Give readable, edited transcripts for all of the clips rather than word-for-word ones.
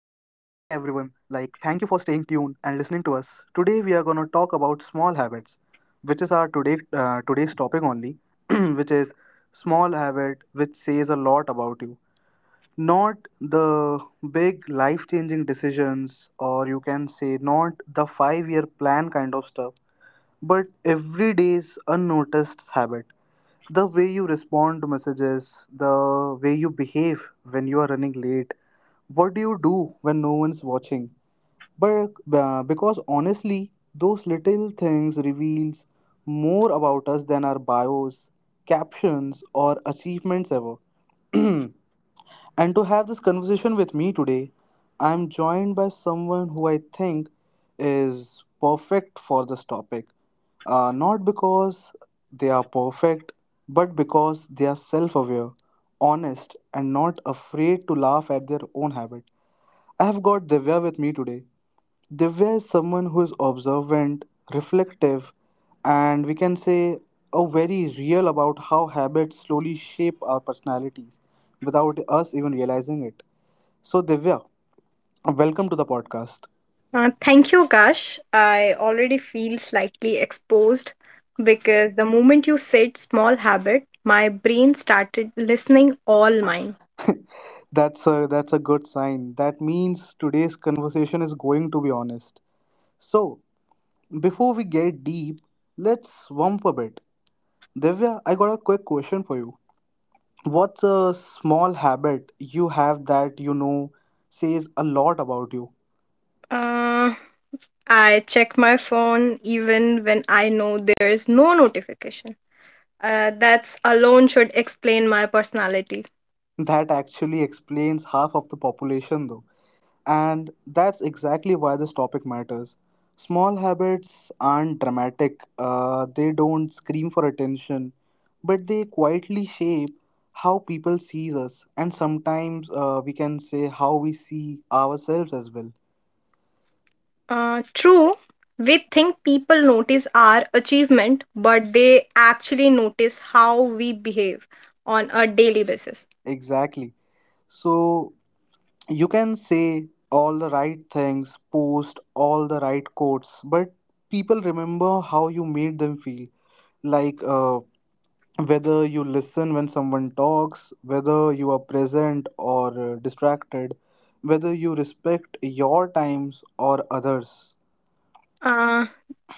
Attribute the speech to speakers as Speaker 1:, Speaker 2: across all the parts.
Speaker 1: thank you for staying tuned and listening to us. Today we are gonna talk about small habits, which is our today today's topic only, which is small habit, which says a lot about you. Not the big life-changing decisions, or you can say not the five-year plan kind of stuff, but every day's unnoticed habit, the way you respond to messages, the way you behave when you are running late, what do you do when no one's watching? But because honestly, those little things reveals more about us than our bios, captions, or achievements ever. And to have this conversation with me today, I'm joined by someone who I think is perfect for this topic. Not because they are perfect, but because they are self aware, honest, and not afraid to laugh at their own habit. I have got Divya with me today. Divya is someone who is observant, reflective, and we can say a very real about how habits slowly shape our personalities without us even realizing it. So Divya, welcome to the podcast.
Speaker 2: Thank you, Kash. I already feel slightly exposed because the moment you said small habit, my brain started listening all mine.
Speaker 1: That's a good sign. That means today's conversation is going to be honest. So before we get deep, let's warm up a bit. Divya, I got a quick question for you. What's a small habit you have that you know says a lot about you?
Speaker 2: Uh, I check my phone even when I know there is no notification. That's alone should explain my personality.
Speaker 1: That actually explains half of the population, though. And that's exactly why this topic matters. Small habits aren't dramatic, they don't scream for attention, but they quietly shape how people sees us, and sometimes we can say how we see ourselves as well.
Speaker 2: True, we think people notice our achievement, but they actually notice how we behave on a daily basis.
Speaker 1: Exactly. So, you can say all the right things, post all the right quotes, but people remember how you made them feel. Like whether you listen when someone talks, whether you are present or distracted, whether you respect your times or others.
Speaker 2: Uh,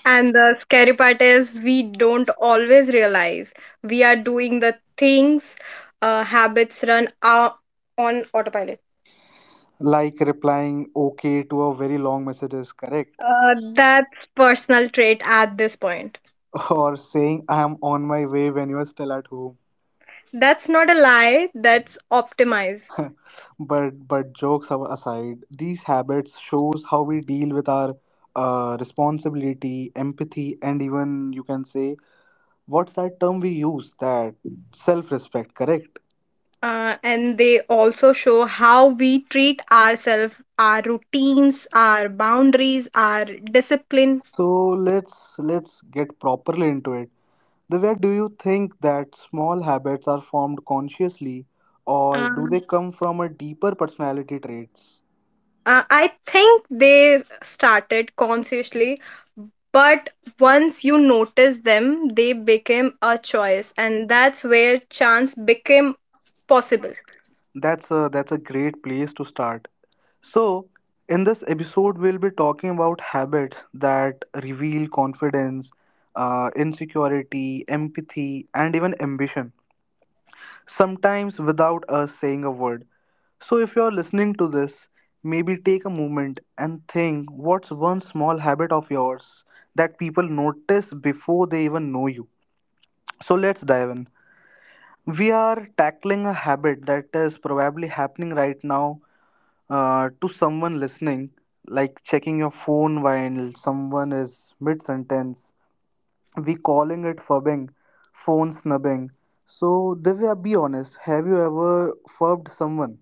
Speaker 2: and the scary part is we don't always realize we are doing the things habits run out on autopilot.
Speaker 1: Like replying okay to a very long message is correct,
Speaker 2: That's personal trait at this point.
Speaker 1: or saying I am on my way when you are still at home.
Speaker 2: That's not a lie, that's optimize.
Speaker 1: But jokes aside, these habits shows how we deal with our responsibility, empathy, and even you can say what's that term we use that self-respect, correct?
Speaker 2: And they also show how we treat ourselves, our routines, our boundaries, our discipline.
Speaker 1: So let's get properly into it. The way do you think that small habits are formed consciously, or do
Speaker 2: Uh,
Speaker 1: they come from a deeper personality traits?
Speaker 2: I think they started consciously, but once you notice them, they became a choice, and that's where chance became possible.
Speaker 1: That's a, great place to start. So, in this episode, we'll be talking about habits that reveal confidence, insecurity, empathy, and even ambition, sometimes without us saying a word. So, if you're listening to this, maybe take a moment and think what's one small habit of yours that people notice before they even know you. So, let's dive in. We are tackling a habit that is probably happening right now to someone listening, like checking your phone while someone is mid sentence, we calling it fubbing, phone snubbing. So, Divya, be honest. Have you ever fubbed someone?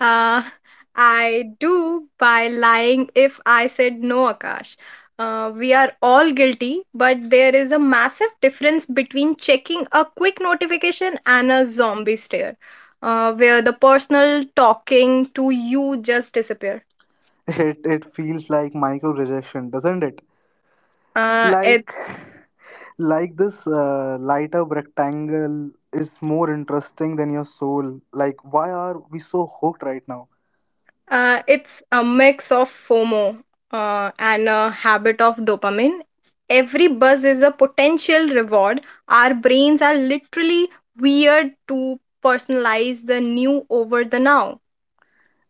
Speaker 2: Uh, I do by lying if I said no, Akash. We are all guilty, but there is a massive difference between checking a quick notification and a zombie stare, where the personal talking to you just disappear.
Speaker 1: It feels like micro rejection, doesn't it?
Speaker 2: Uh, it
Speaker 1: Like, like this light up rectangle is more interesting than your soul. Like, why are we so hooked right now?
Speaker 2: It's a mix of FOMO and a habit of dopamine. Every buzz is a potential reward. Our brains are literally weird to personalize the new over the now.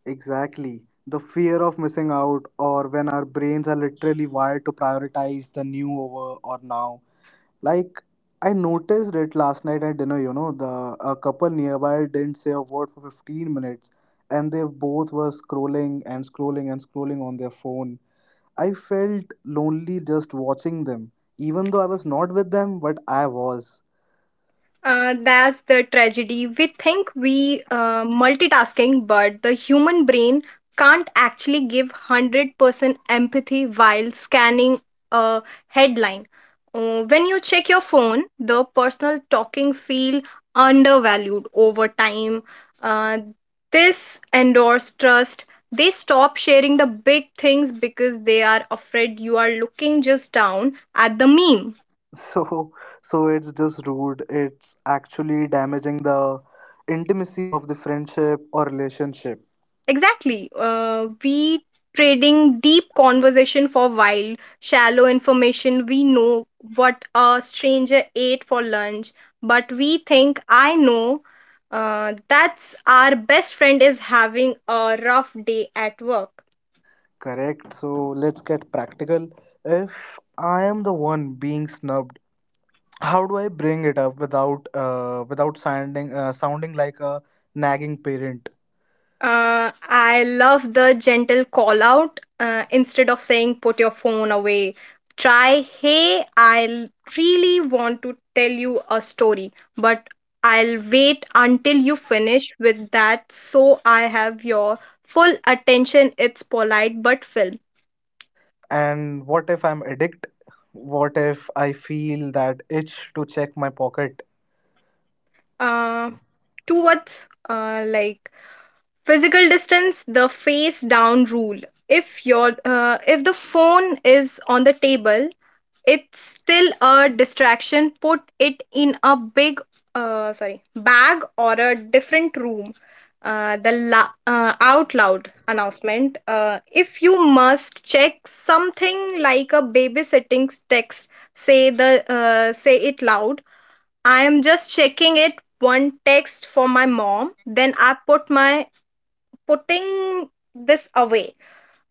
Speaker 1: Exactly. The fear of missing out, or when our brains are literally wired to prioritize the new over or now. Like, I noticed it last night at dinner, you know, the a couple nearby didn't say a word for 15 minutes, and they both were scrolling and scrolling and scrolling on their phone. I felt lonely just watching them, even though I was not with them, but I was.
Speaker 2: That's the tragedy. We think we multitasking, but the human brain can't actually give 100% empathy while scanning a headline. When you check your phone, the personal talking feel undervalued over time. Uh, this endorse trust. They stop sharing the big things because they are afraid you are looking just down at the meme.
Speaker 1: So so it's just rude, it's actually damaging the intimacy of the friendship or relationship.
Speaker 2: Exactly. We trading deep conversation for wild, shallow information. We know what a stranger ate for lunch, but we think I know. That's our best friend is having a rough day at work.
Speaker 1: Correct. So let's get practical. If I am the one being snubbed, how do I bring it up without without sounding sounding like a nagging parent?
Speaker 2: I love the gentle call out. Instead of saying, put your phone away, try, hey, really want to tell you a story, but I'll wait until you finish with that so I have your full attention. It's polite but firm.
Speaker 1: And what if I'm addict? What if I feel that itch to check my pocket?
Speaker 2: Uh, Towards like physical distance, the face down rule. If your if the phone is on the table, it's still a distraction. Put it in a big, sorry, bag or a different room. The out loud announcement. If you must check something like a babysitting text, say it loud. I am just checking it one text for my mom. Then I put my putting this away.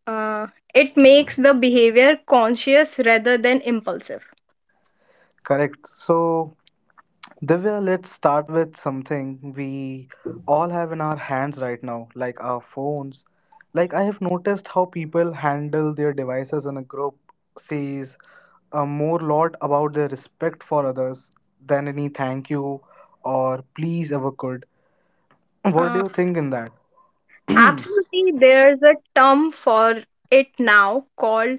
Speaker 2: Uh, it makes the behavior conscious rather than impulsive.
Speaker 1: Correct. So Divya, let's start with something we all have in our hands right now, like our phones. Like, I have noticed how people handle their devices in a group says a more lot about their respect for others than any thank you or please ever could. What do
Speaker 2: Uh,
Speaker 1: you think in that? Hmm.
Speaker 2: Absolutely, there's a term for it now called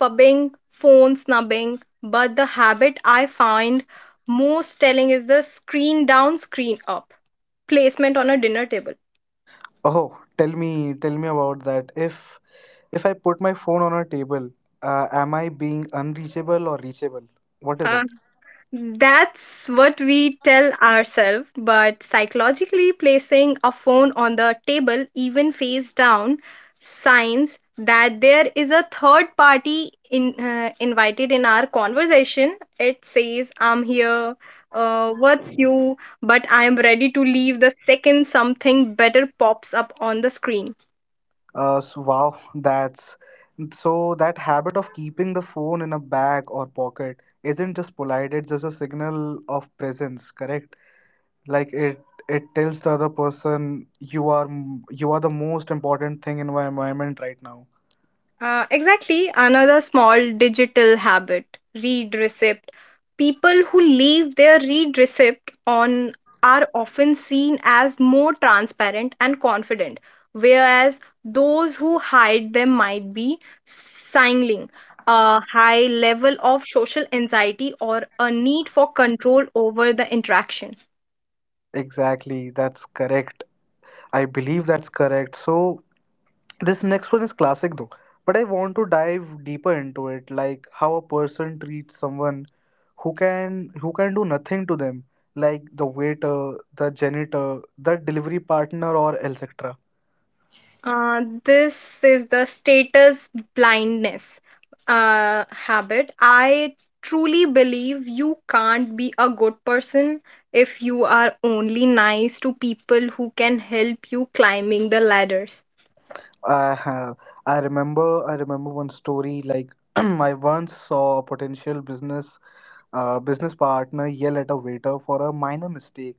Speaker 2: fubbing, phone snubbing, but the habit I find most telling is the screen down, screen up placement on a dinner table.
Speaker 1: Oh, tell me about that. If I put my phone on a table, am I being unreachable or reachable? What is
Speaker 2: Uh,
Speaker 1: it?
Speaker 2: That's what we tell ourselves, but psychologically placing a phone on the table, even face down, signs that there is a third party invited in our conversation. It says, I'm here, what's you, but I'm ready to leave the second something better pops up on the screen.
Speaker 1: So wow, that's so that habit of keeping the phone in a bag or pocket isn't just polite, it's just a signal of presence, correct? Like it tells the other person you are you are the most important thing in my environment right now.
Speaker 2: Exactly. Another small digital habit read receipt. People who leave their read receipt on are often seen as more transparent and confident, whereas those who hide them might be signaling a high level of social anxiety or a need for control over the interaction.
Speaker 1: Exactly, that's correct. I believe that's correct. So this next one is classic though, but I want to dive deeper into it, like how a person treats someone who can do nothing to them, like the waiter, the janitor, the delivery partner, or etc.
Speaker 2: This is the status blindness habit. I truly believe you can't be a good person if you are only nice to people who can help you climbing the ladders.
Speaker 1: Uh, I remember one story like I once saw a potential business business partner yell at a waiter for a minor mistake,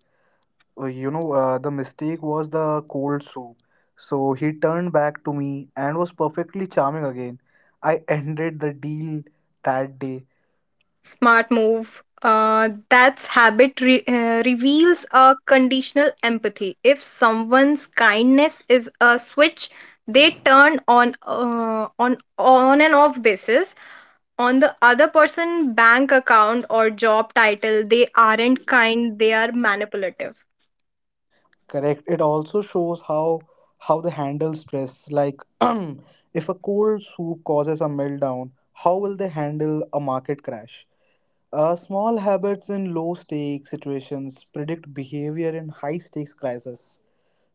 Speaker 1: you know, the mistake was the cold soup. So he turned back to me and was perfectly charming again. I ended the deal that day.
Speaker 2: Smart move. That's habit reveals a conditional empathy. If someone's kindness is a switch, they turn on on and off basis on the other person bank account or job title, they aren't kind, they are manipulative.
Speaker 1: Correct. It also shows how they handle stress. Like, if a cold soup causes a meltdown, how will they handle a market crash? Small habits in low stake situations predict behavior in high stakes crisis.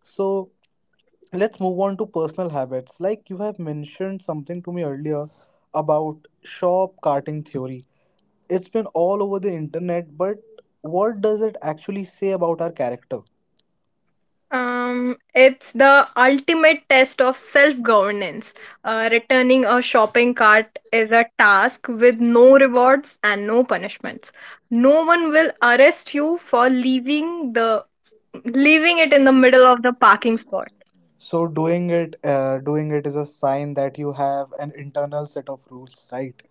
Speaker 1: So let's move on to personal habits, like you have mentioned something to me earlier about shop carting theory. It's been all over the internet, but what does it actually say about our character?
Speaker 2: It's the ultimate test of self governance. Returning a shopping cart is a task with no rewards and no punishments. No one will arrest you for leaving it in the middle of the parking spot.
Speaker 1: So doing it is a sign that you have an internal set of rules, right?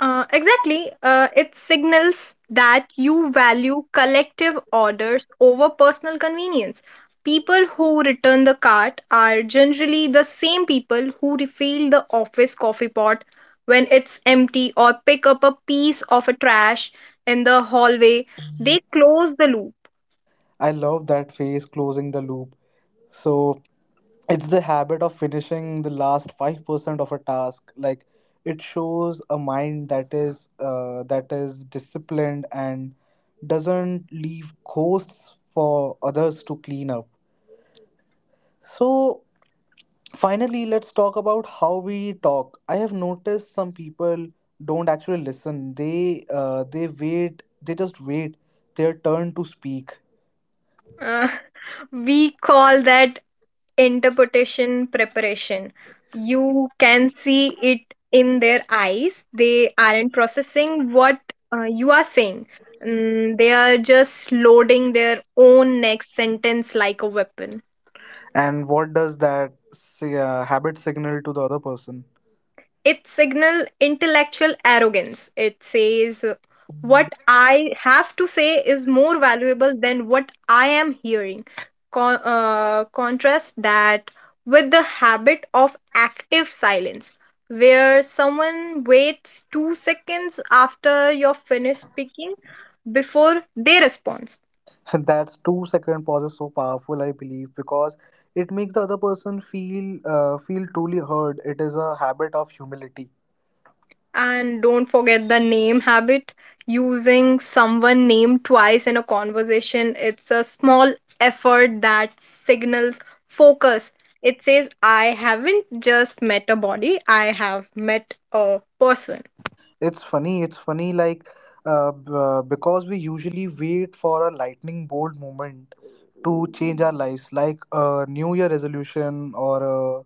Speaker 2: Exactly. It signals that you value collective orders over personal convenience. People who return the cart are generally the same people who refill the office coffee pot when it's empty or pick up a piece of a trash in the hallway. They close the loop.
Speaker 1: I love that phrase closing the loop. So it's the habit of finishing the last 5% of a task. Like it shows a mind that is disciplined and doesn't leave ghosts for others to clean up. So finally, let's talk about how we talk. I have noticed some people don't actually listen. They wait. They just wait their turn to speak.
Speaker 2: Uh, we call that interpretation preparation. You can see it in their eyes, they aren't processing what you are saying. Mm, they are just loading their own next sentence like a weapon.
Speaker 1: And what does that say, habit signal to the other person?
Speaker 2: It signal intellectual arrogance. It says, what I have to say is more valuable than what I am hearing. Contrast that with the habit of active silence, where someone waits 2 seconds after you're finished speaking before they respond.
Speaker 1: And that's two-second pause is so powerful, I believe, because it makes the other person feel feel truly heard. It is a habit of humility.
Speaker 2: And don't forget the name habit. Using someone name twice in a conversation, it's a small effort that signals focus. It says, I haven't just met a body, I have met a person.
Speaker 1: It's funny. It's funny, like because we usually wait for a lightning bolt moment to change our lives, like a New Year resolution or a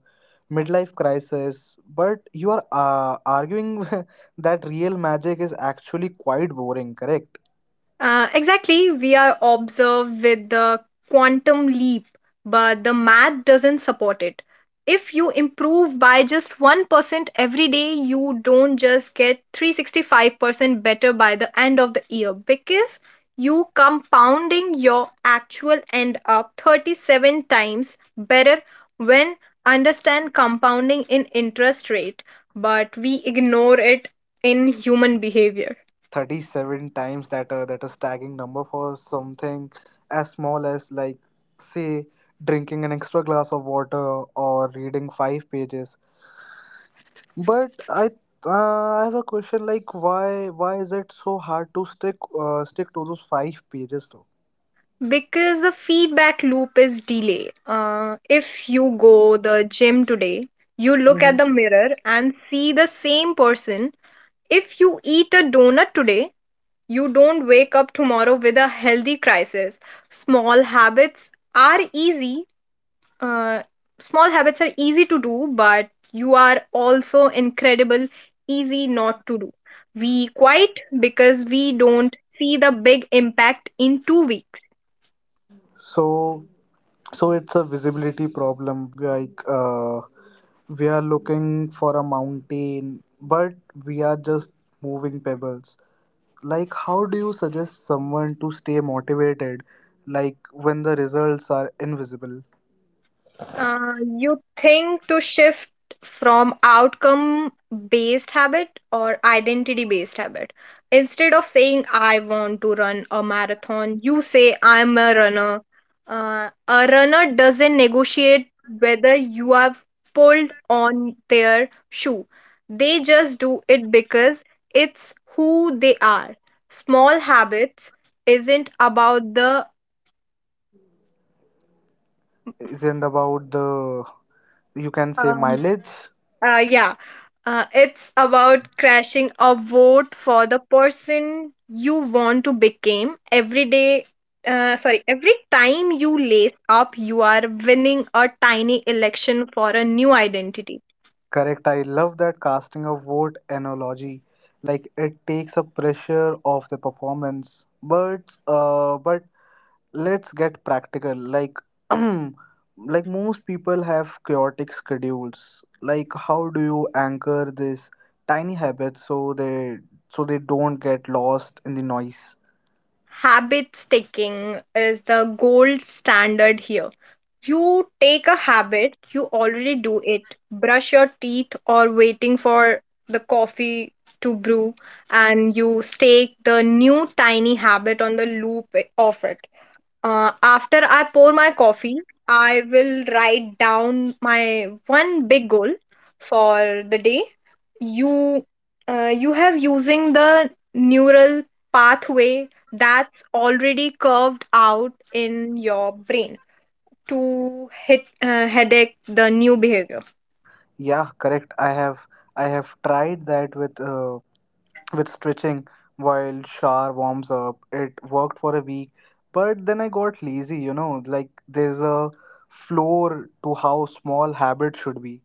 Speaker 1: midlife crisis. But you are arguing that real magic is actually quite boring, correct?
Speaker 2: Exactly, we are observed with the quantum leap, but the math doesn't support it. If you improve by just 1% every day, you don't just get 365% better by the end of the year because you compounding your actual end up 37 times better when understand compounding in interest rate, but we ignore it in human behavior.
Speaker 1: 37 times, that that a staggering number for something as small as like say drinking an extra glass of water or reading five pages. But I have a question, like why is it so hard to stick stick to those five pages
Speaker 2: Because the feedback loop is delay. If you go the gym today, you look at
Speaker 1: though?
Speaker 2: the mirror and see the same person. If you eat a donut today, you don't wake up tomorrow with a healthy crisis. small habits are easy uh, Small habits are easy to do, but you are also incredible easy not to do. We quite because we don't see the big impact in 2 weeks.
Speaker 1: So so it's a visibility problem. Like we are looking for a mountain, but we are just moving pebbles. Like how do you suggest someone to stay motivated? Like when the results are invisible,
Speaker 2: You think to shift from outcome based habit or identity based habit. Instead of saying I want to run a marathon, you say I'm a runner. A runner doesn't negotiate whether you have pulled on their shoe. They just do it because it's who they are. Small habits isn't about the
Speaker 1: isn't about the you can say
Speaker 2: um,
Speaker 1: mileage.
Speaker 2: Yeah, it's about crashing a vote for the person you want to become every day. Sorry, every time you lace up, you are winning a tiny election for a new identity.
Speaker 1: Correct. I love that casting a vote analogy. Like it takes a pressure off the performance, but but let's get practical, like like most people have chaotic schedules. Like how do you anchor this tiny habits so they don't get lost in the noise?
Speaker 2: Habit sticking is the gold standard here. You take a habit, you already do it. Brush your teeth or waiting for the coffee to brew, and you stake the new tiny habit on the loop of it. After I pour my coffee, I will write down my one big goal for the day. You, you have using the neural pathway that's already curved out in your brain to hit, headache the new behavior.
Speaker 1: Yeah, correct. I have I have tried that with stretching while shower warms up. It worked for a week, but then I got lazy, you know, like there's a floor to how small habits should be.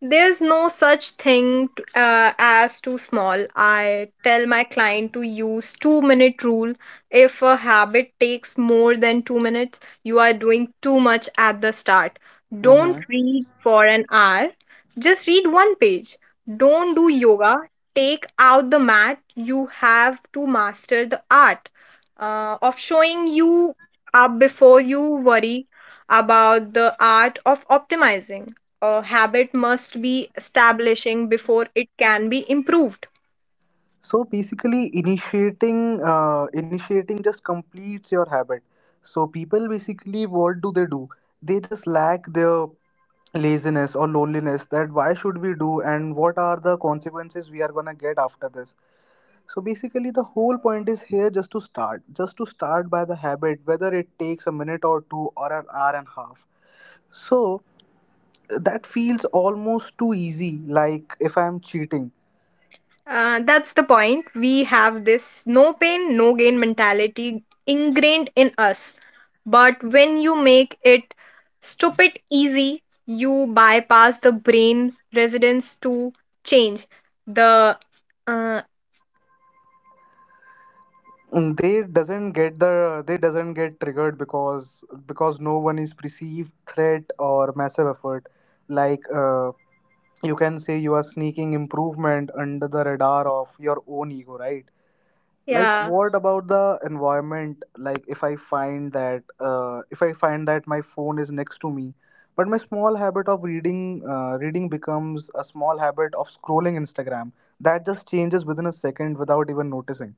Speaker 2: There's no such thing as too small. I tell my client to use 2-minute rule. If a habit takes more than 2 minutes, you are doing too much at the start. Don't
Speaker 1: Mm-hmm.
Speaker 2: read for an hour. Just read one page. Don't do yoga. Take out the mat. You have to master the art of showing you up before you worry about the art of optimizing. A habit must be establishing before it can be improved.
Speaker 1: So basically, initiating just completes your habit. So people basically, what do? They just lack their laziness or loneliness. That why should we do, and what are the consequences we are gonna get after this? So basically, the whole point is here just to start by the habit, whether it takes a minute or two or an hour and a half. So that feels almost too easy, like if I'm cheating.
Speaker 2: That's the point. We have this no pain, no gain mentality ingrained in us. But when you make it stupid easy, you bypass the brain residence to change. The uh,
Speaker 1: Mm, they doesn't get they doesn't get triggered because no one is perceived threat or massive effort, like you can say you are sneaking improvement under the radar of your own ego, right? Like
Speaker 2: yeah.
Speaker 1: what about the environment? Like if I find that if I find that my phone is next to me but my small habit of reading reading becomes a small habit of scrolling instagram, that just changes within a second without even noticing.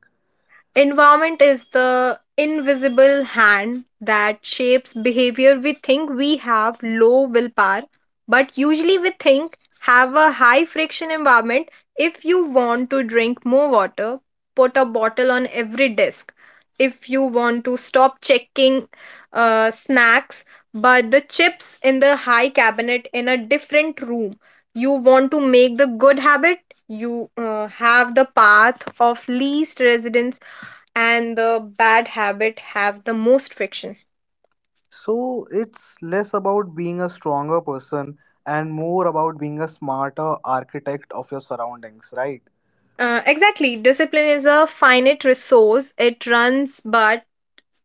Speaker 2: Environment is the invisible hand that shapes behavior. We think we have low willpower, but usually we think have a high friction environment. If you want to drink more water, put a bottle on every desk. If you want to stop checking snacks, but the chips in the high cabinet in a different room. You want to make the good habit. You have the path of least resistance and the bad habit have the most friction.
Speaker 1: So it's less about being a stronger person and more about being a smarter architect of your surroundings, right?
Speaker 2: Exactly. Discipline is a finite resource. It runs but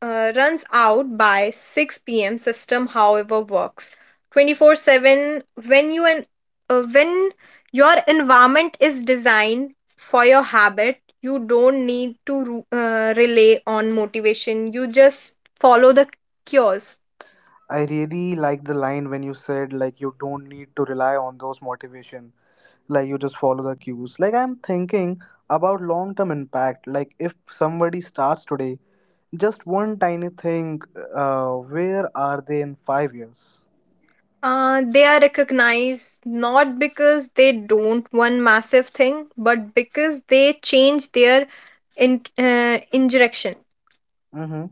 Speaker 2: uh, runs out by 6 p.m. System however works 24/7 when you and when your environment is designed for your habit, you don't need to rely on motivation, you just follow the cures.
Speaker 1: I really like the line when you said, like, you don't need to rely on those motivation, like you just follow the cues. Like I'm thinking about long-term impact, like if somebody starts today, just one tiny thing, where are they in 5 years?
Speaker 2: They are recognized not because they don't one massive thing, but because they change their injection.
Speaker 1: Mm-hmm.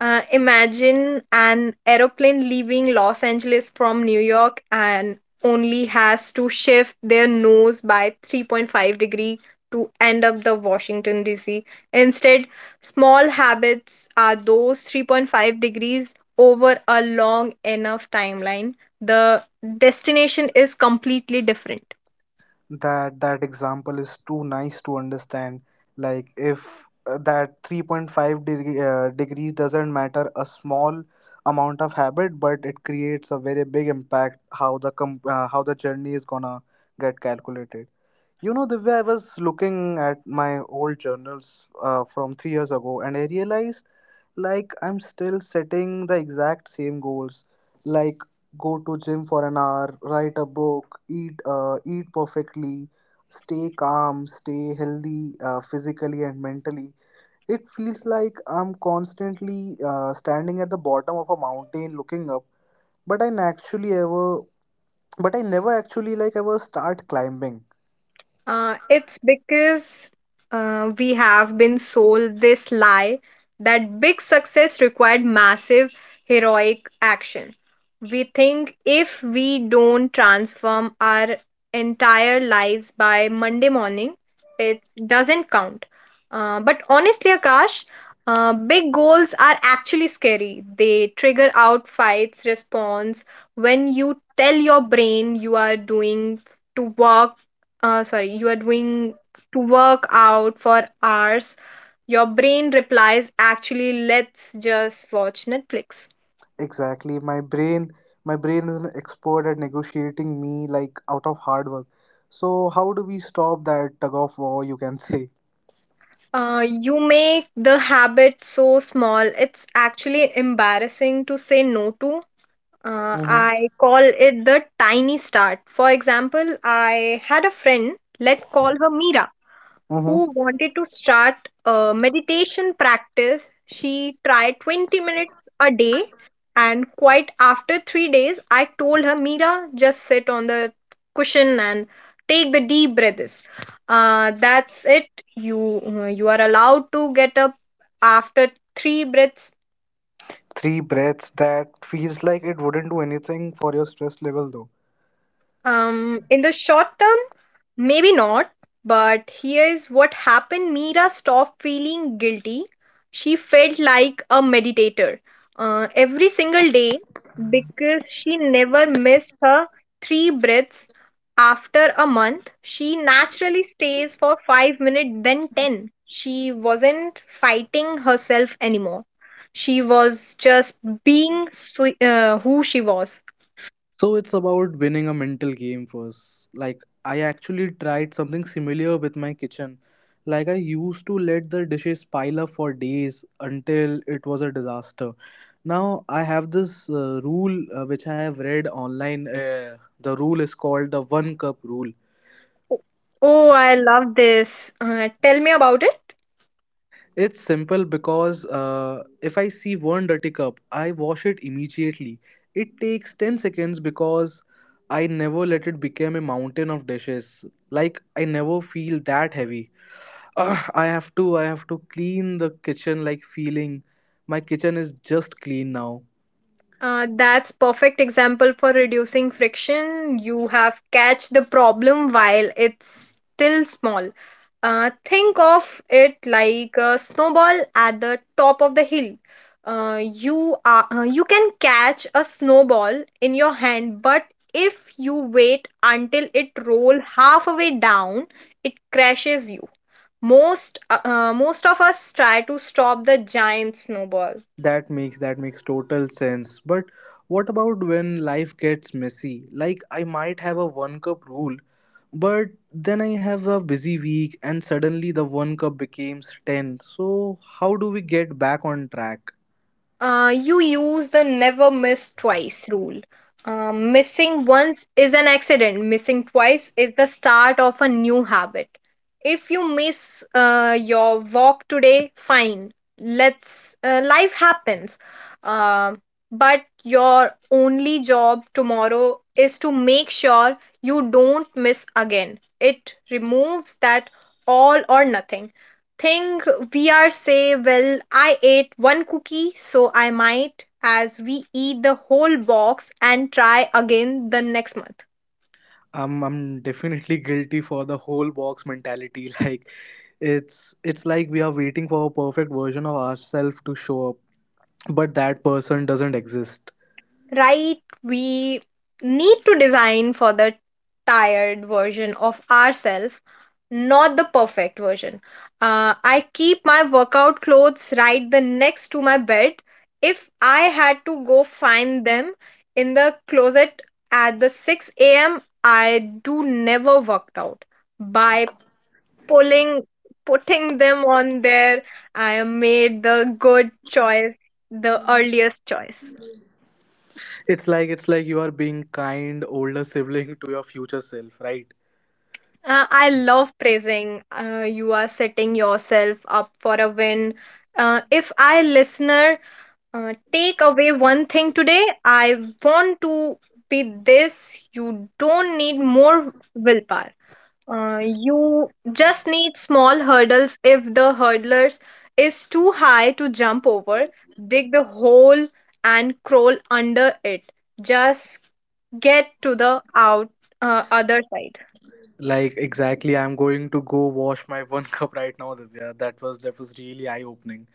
Speaker 2: Imagine an aeroplane leaving Los Angeles from New York and only has to shift their nose by 3.5 degree to end up the Washington DC. Instead, small habits are those 3.5 degrees over a long enough timeline. The destination is completely different.
Speaker 1: That example is too nice to understand, like if that 3.5 degree degrees doesn't matter, a small amount of habit, but it creates a very big impact how the how the journey is gonna get calculated. You know, the way I was looking at my old journals from 3 years ago, and I realized like I'm still setting the exact same goals, like go to gym for an hour, write a book, eat perfectly, stay calm, stay healthy, physically and mentally. It feels like I'm constantly standing at the bottom of a mountain looking up, but I actually ever but I never actually like ever start climbing.
Speaker 2: It's because we have been sold this lie that big success required massive heroic action. We think if we don't transform our entire lives by Monday morning, it doesn't count. But honestly, Akash, big goals are actually scary. They trigger out fights response when you tell your brain you are doing to work sorry, you are doing to work out for hours, your brain replies, actually, let's just watch Netflix.
Speaker 1: Exactly. My brain is an expert at negotiating me like out of hard work. So how do we stop that tug of war, you can say?
Speaker 2: You make the habit so small, it's actually embarrassing to say no to.
Speaker 1: Mm-hmm.
Speaker 2: I call it the tiny start. For example, I had a friend, let's call her Mira,
Speaker 1: Mm-hmm.
Speaker 2: who wanted to start a meditation practice. She tried 20 minutes a day, and quite after 3 days, I told her, Mira, just sit on the cushion and take the deep breaths. That's it. You are allowed to get up after three breaths.
Speaker 1: Three breaths, that feels like it wouldn't do anything for your stress level though.
Speaker 2: In the short term, maybe not, but here is what happened. Mira stopped feeling guilty. She felt like a meditator every single day because she never missed her three breaths. After a month, she naturally stays for 5 minutes, then 10. She wasn't fighting herself anymore. She was just who she was.
Speaker 1: So it's about winning a mental game first. Like I actually tried something similar with my kitchen. Like I used to let the dishes pile up for days until it was a disaster. Now I have this rule which I have read online. The rule is called the one cup rule.
Speaker 2: Oh, I love this. Tell me about it.
Speaker 1: It's simple because if I see one dirty cup, I wash it immediately. It takes 10 seconds because I never let it become a mountain of dishes. Like, I never feel that heavy. Ugh, I have to clean the kitchen like feeling my kitchen is just clean now.
Speaker 2: That's perfect example for reducing friction. You have catch the problem while it's still small. Think of it like a snowball at the top of the hill. You can catch a snowball in your hand, but if you wait until it roll halfway down, it crashes you. Most of us try to stop the giant snowball.
Speaker 1: That makes total sense. But what about when life gets messy? Like I might have a one cup rule, but then I have a busy week and suddenly the one cup becomes 10. So how do we get back on track?
Speaker 2: You use the never miss twice rule. Missing once is an accident, missing twice is the start of a new habit. If you miss your walk today, fine. Let's life happens. Uh, but your only job tomorrow is to make sure you don't miss again. It removes that all or nothing think we are say, well, I ate one cookie so I might as we eat the whole box and try again the next month.
Speaker 1: I'm definitely guilty for the whole box mentality. Like it's like we are waiting for a perfect version of ourselves to show up, but that person doesn't exist.
Speaker 2: Right, we need to design for the tired version of ourselves, not the perfect version. I keep my workout clothes right the next to my bed. If I had to go find them in the closet at the 6 a.m, I do never worked out. By pulling putting them on there, I made the good choice, the earliest choice.
Speaker 1: It's like you are being kind older sibling to your future self, right?
Speaker 2: I love praising. You are setting yourself up for a win. If I, listener, take away one thing today, I want to be this. You don't need more willpower. You just need small hurdles. If the hurdlers is too high to jump over, dig the hole and crawl under it. Just get to the out other side.
Speaker 1: Like exactly, I'm going to go wash my one cup right now, Divya. That was really eye-opening.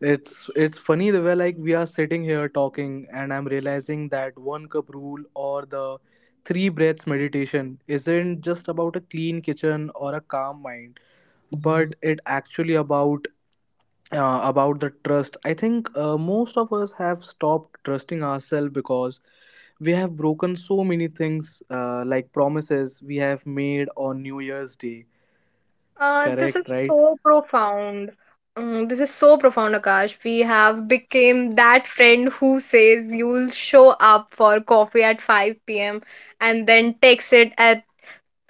Speaker 1: It's funny, Divya, like we are sitting here talking, and I'm realizing that one cup rule or the three breaths meditation isn't just about a clean kitchen or a calm mind, but it actually about the trust. I think most of us have stopped trusting ourselves because we have broken so many things like promises we have made on New Year's Day.
Speaker 2: This is
Speaker 1: Correct, right?
Speaker 2: so profound. Mm, this is so profound, Akash. We have became that friend who says you'll show up for coffee at 5 p.m. and then texts it at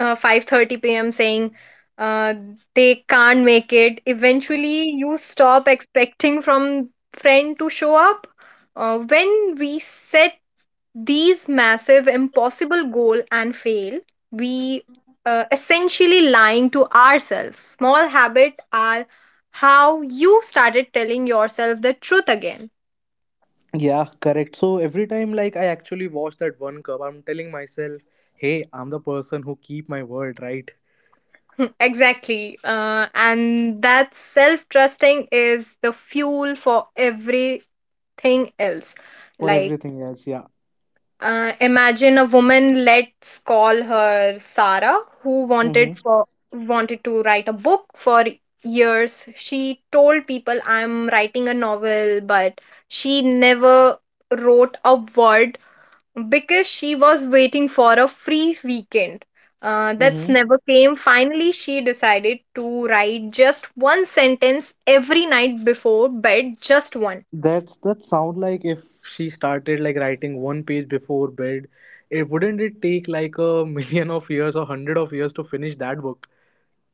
Speaker 2: 5:30 p.m. saying uh, they can't make it. Eventually, you stop expecting from friend to show up. When we set these massive impossible goal and fail, we essentially lying to ourselves. Small habit are how you started telling yourself the truth again.
Speaker 1: Yeah, correct. So every time, like I actually watch that one cup, I'm telling myself, hey, I'm the person who keep my word, right?
Speaker 2: Exactly, and that self trusting is the fuel for everything else.
Speaker 1: For
Speaker 2: Like,
Speaker 1: everything else, yeah.
Speaker 2: Imagine a woman, let's call her Sarah, who
Speaker 1: Mm-hmm.
Speaker 2: wanted for wanted to write a book for years. She told people, "I'm writing a novel," but she never wrote a word because she was waiting for a free weekend. That's
Speaker 1: Mm-hmm.
Speaker 2: never came. Finally, she decided to write just one sentence every night before bed, just one.
Speaker 1: That's that sound like, if she started like writing one page before bed, it wouldn't it take like a million of years or hundred of years to finish that book?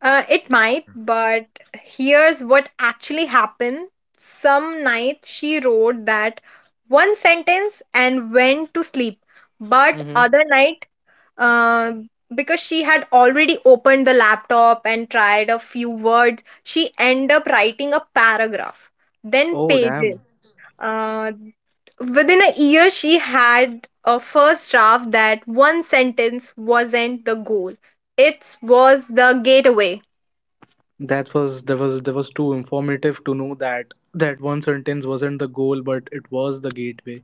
Speaker 2: It might, but here's what actually happened. Some night she wrote that one sentence and went to sleep, but
Speaker 1: Mm-hmm.
Speaker 2: other night, uh, because she had already opened the laptop and tried a few words, she ended up writing a paragraph, then
Speaker 1: Oh damn.
Speaker 2: pages. Uh, Within a year, she had a first draft. That one sentence wasn't the goal, it was the gateway.
Speaker 1: That was too informative to know that that one sentence wasn't the goal but it was the gateway.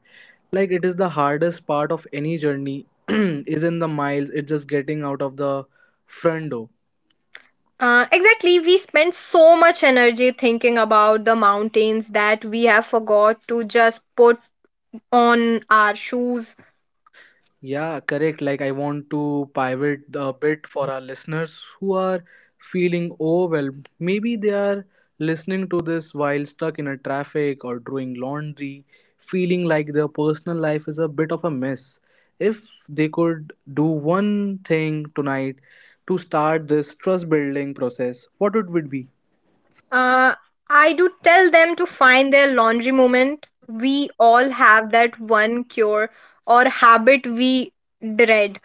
Speaker 1: Like it is the hardest part of any journey is in the miles, it's just getting out of the front door.
Speaker 2: Exactly, we spend so much energy thinking about the mountains that we have forgot to just put on our shoes.
Speaker 1: Yeah, correct. Like I want to pivot a bit for our listeners who are feeling overwhelmed. Maybe they are listening to this while stuck in a traffic or doing laundry, feeling like their personal life is a bit of a mess. If they could do one thing tonight to start this trust building process, what would it be?
Speaker 2: Uh, I do tell them to find their laundry moment. We all have that one cure or habit we dread.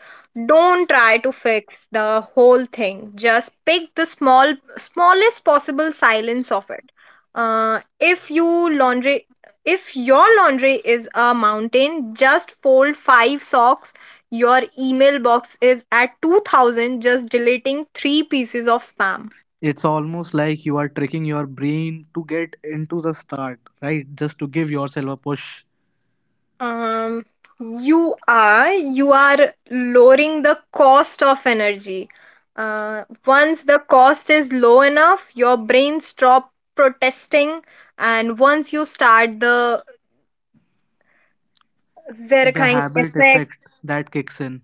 Speaker 2: Don't try to fix the whole thing. Just pick the small, smallest possible silence of it. Uh, if you laundry, if your laundry is a mountain, just fold five socks. Your email box is at 2000, just deleting three pieces of spam.
Speaker 1: It's almost like you are tricking your brain to get into the start, right? Just to give yourself a push.
Speaker 2: Um, you are lowering the cost of energy. Once the cost is low enough, your brain stop protesting, and once you start the
Speaker 1: The
Speaker 2: Zerkang
Speaker 1: habit
Speaker 2: effect,
Speaker 1: effect that kicks in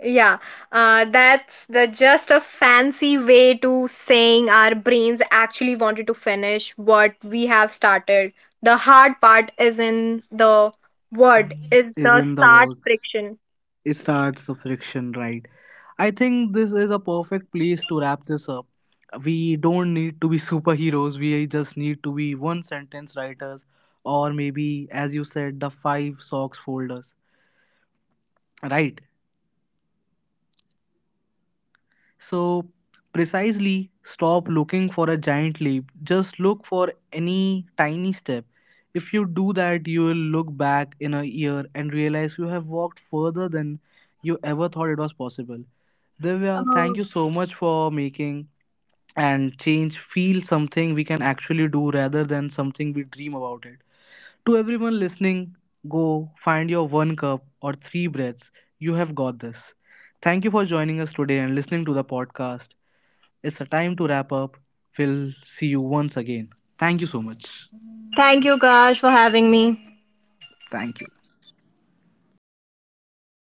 Speaker 2: yeah, that's the just a fancy way to saying our brains actually wanted to finish what we have started. The hard part is in the word is
Speaker 1: is
Speaker 2: the
Speaker 1: in the
Speaker 2: start
Speaker 1: work.
Speaker 2: friction.
Speaker 1: It starts the friction, right? I think this is a perfect place to wrap this up. We don't need to be superheroes, we just need to be one sentence writers, or maybe, as you said, the five socks folders, right? So, precisely stop looking for a giant leap. Just look for any tiny step. If you do that, you will look back in a year and realize you have walked further than you ever thought it was possible. Divya, thank you so much for making and change feel something we can actually do rather than something we dream about it. To everyone listening, go find your one cup or three breaths. You have got this. Thank you for joining us today and listening to the podcast. It's the time to wrap up. We'll see you once again. Thank you so much.
Speaker 2: Thank you, Kash, for having me.
Speaker 1: Thank you.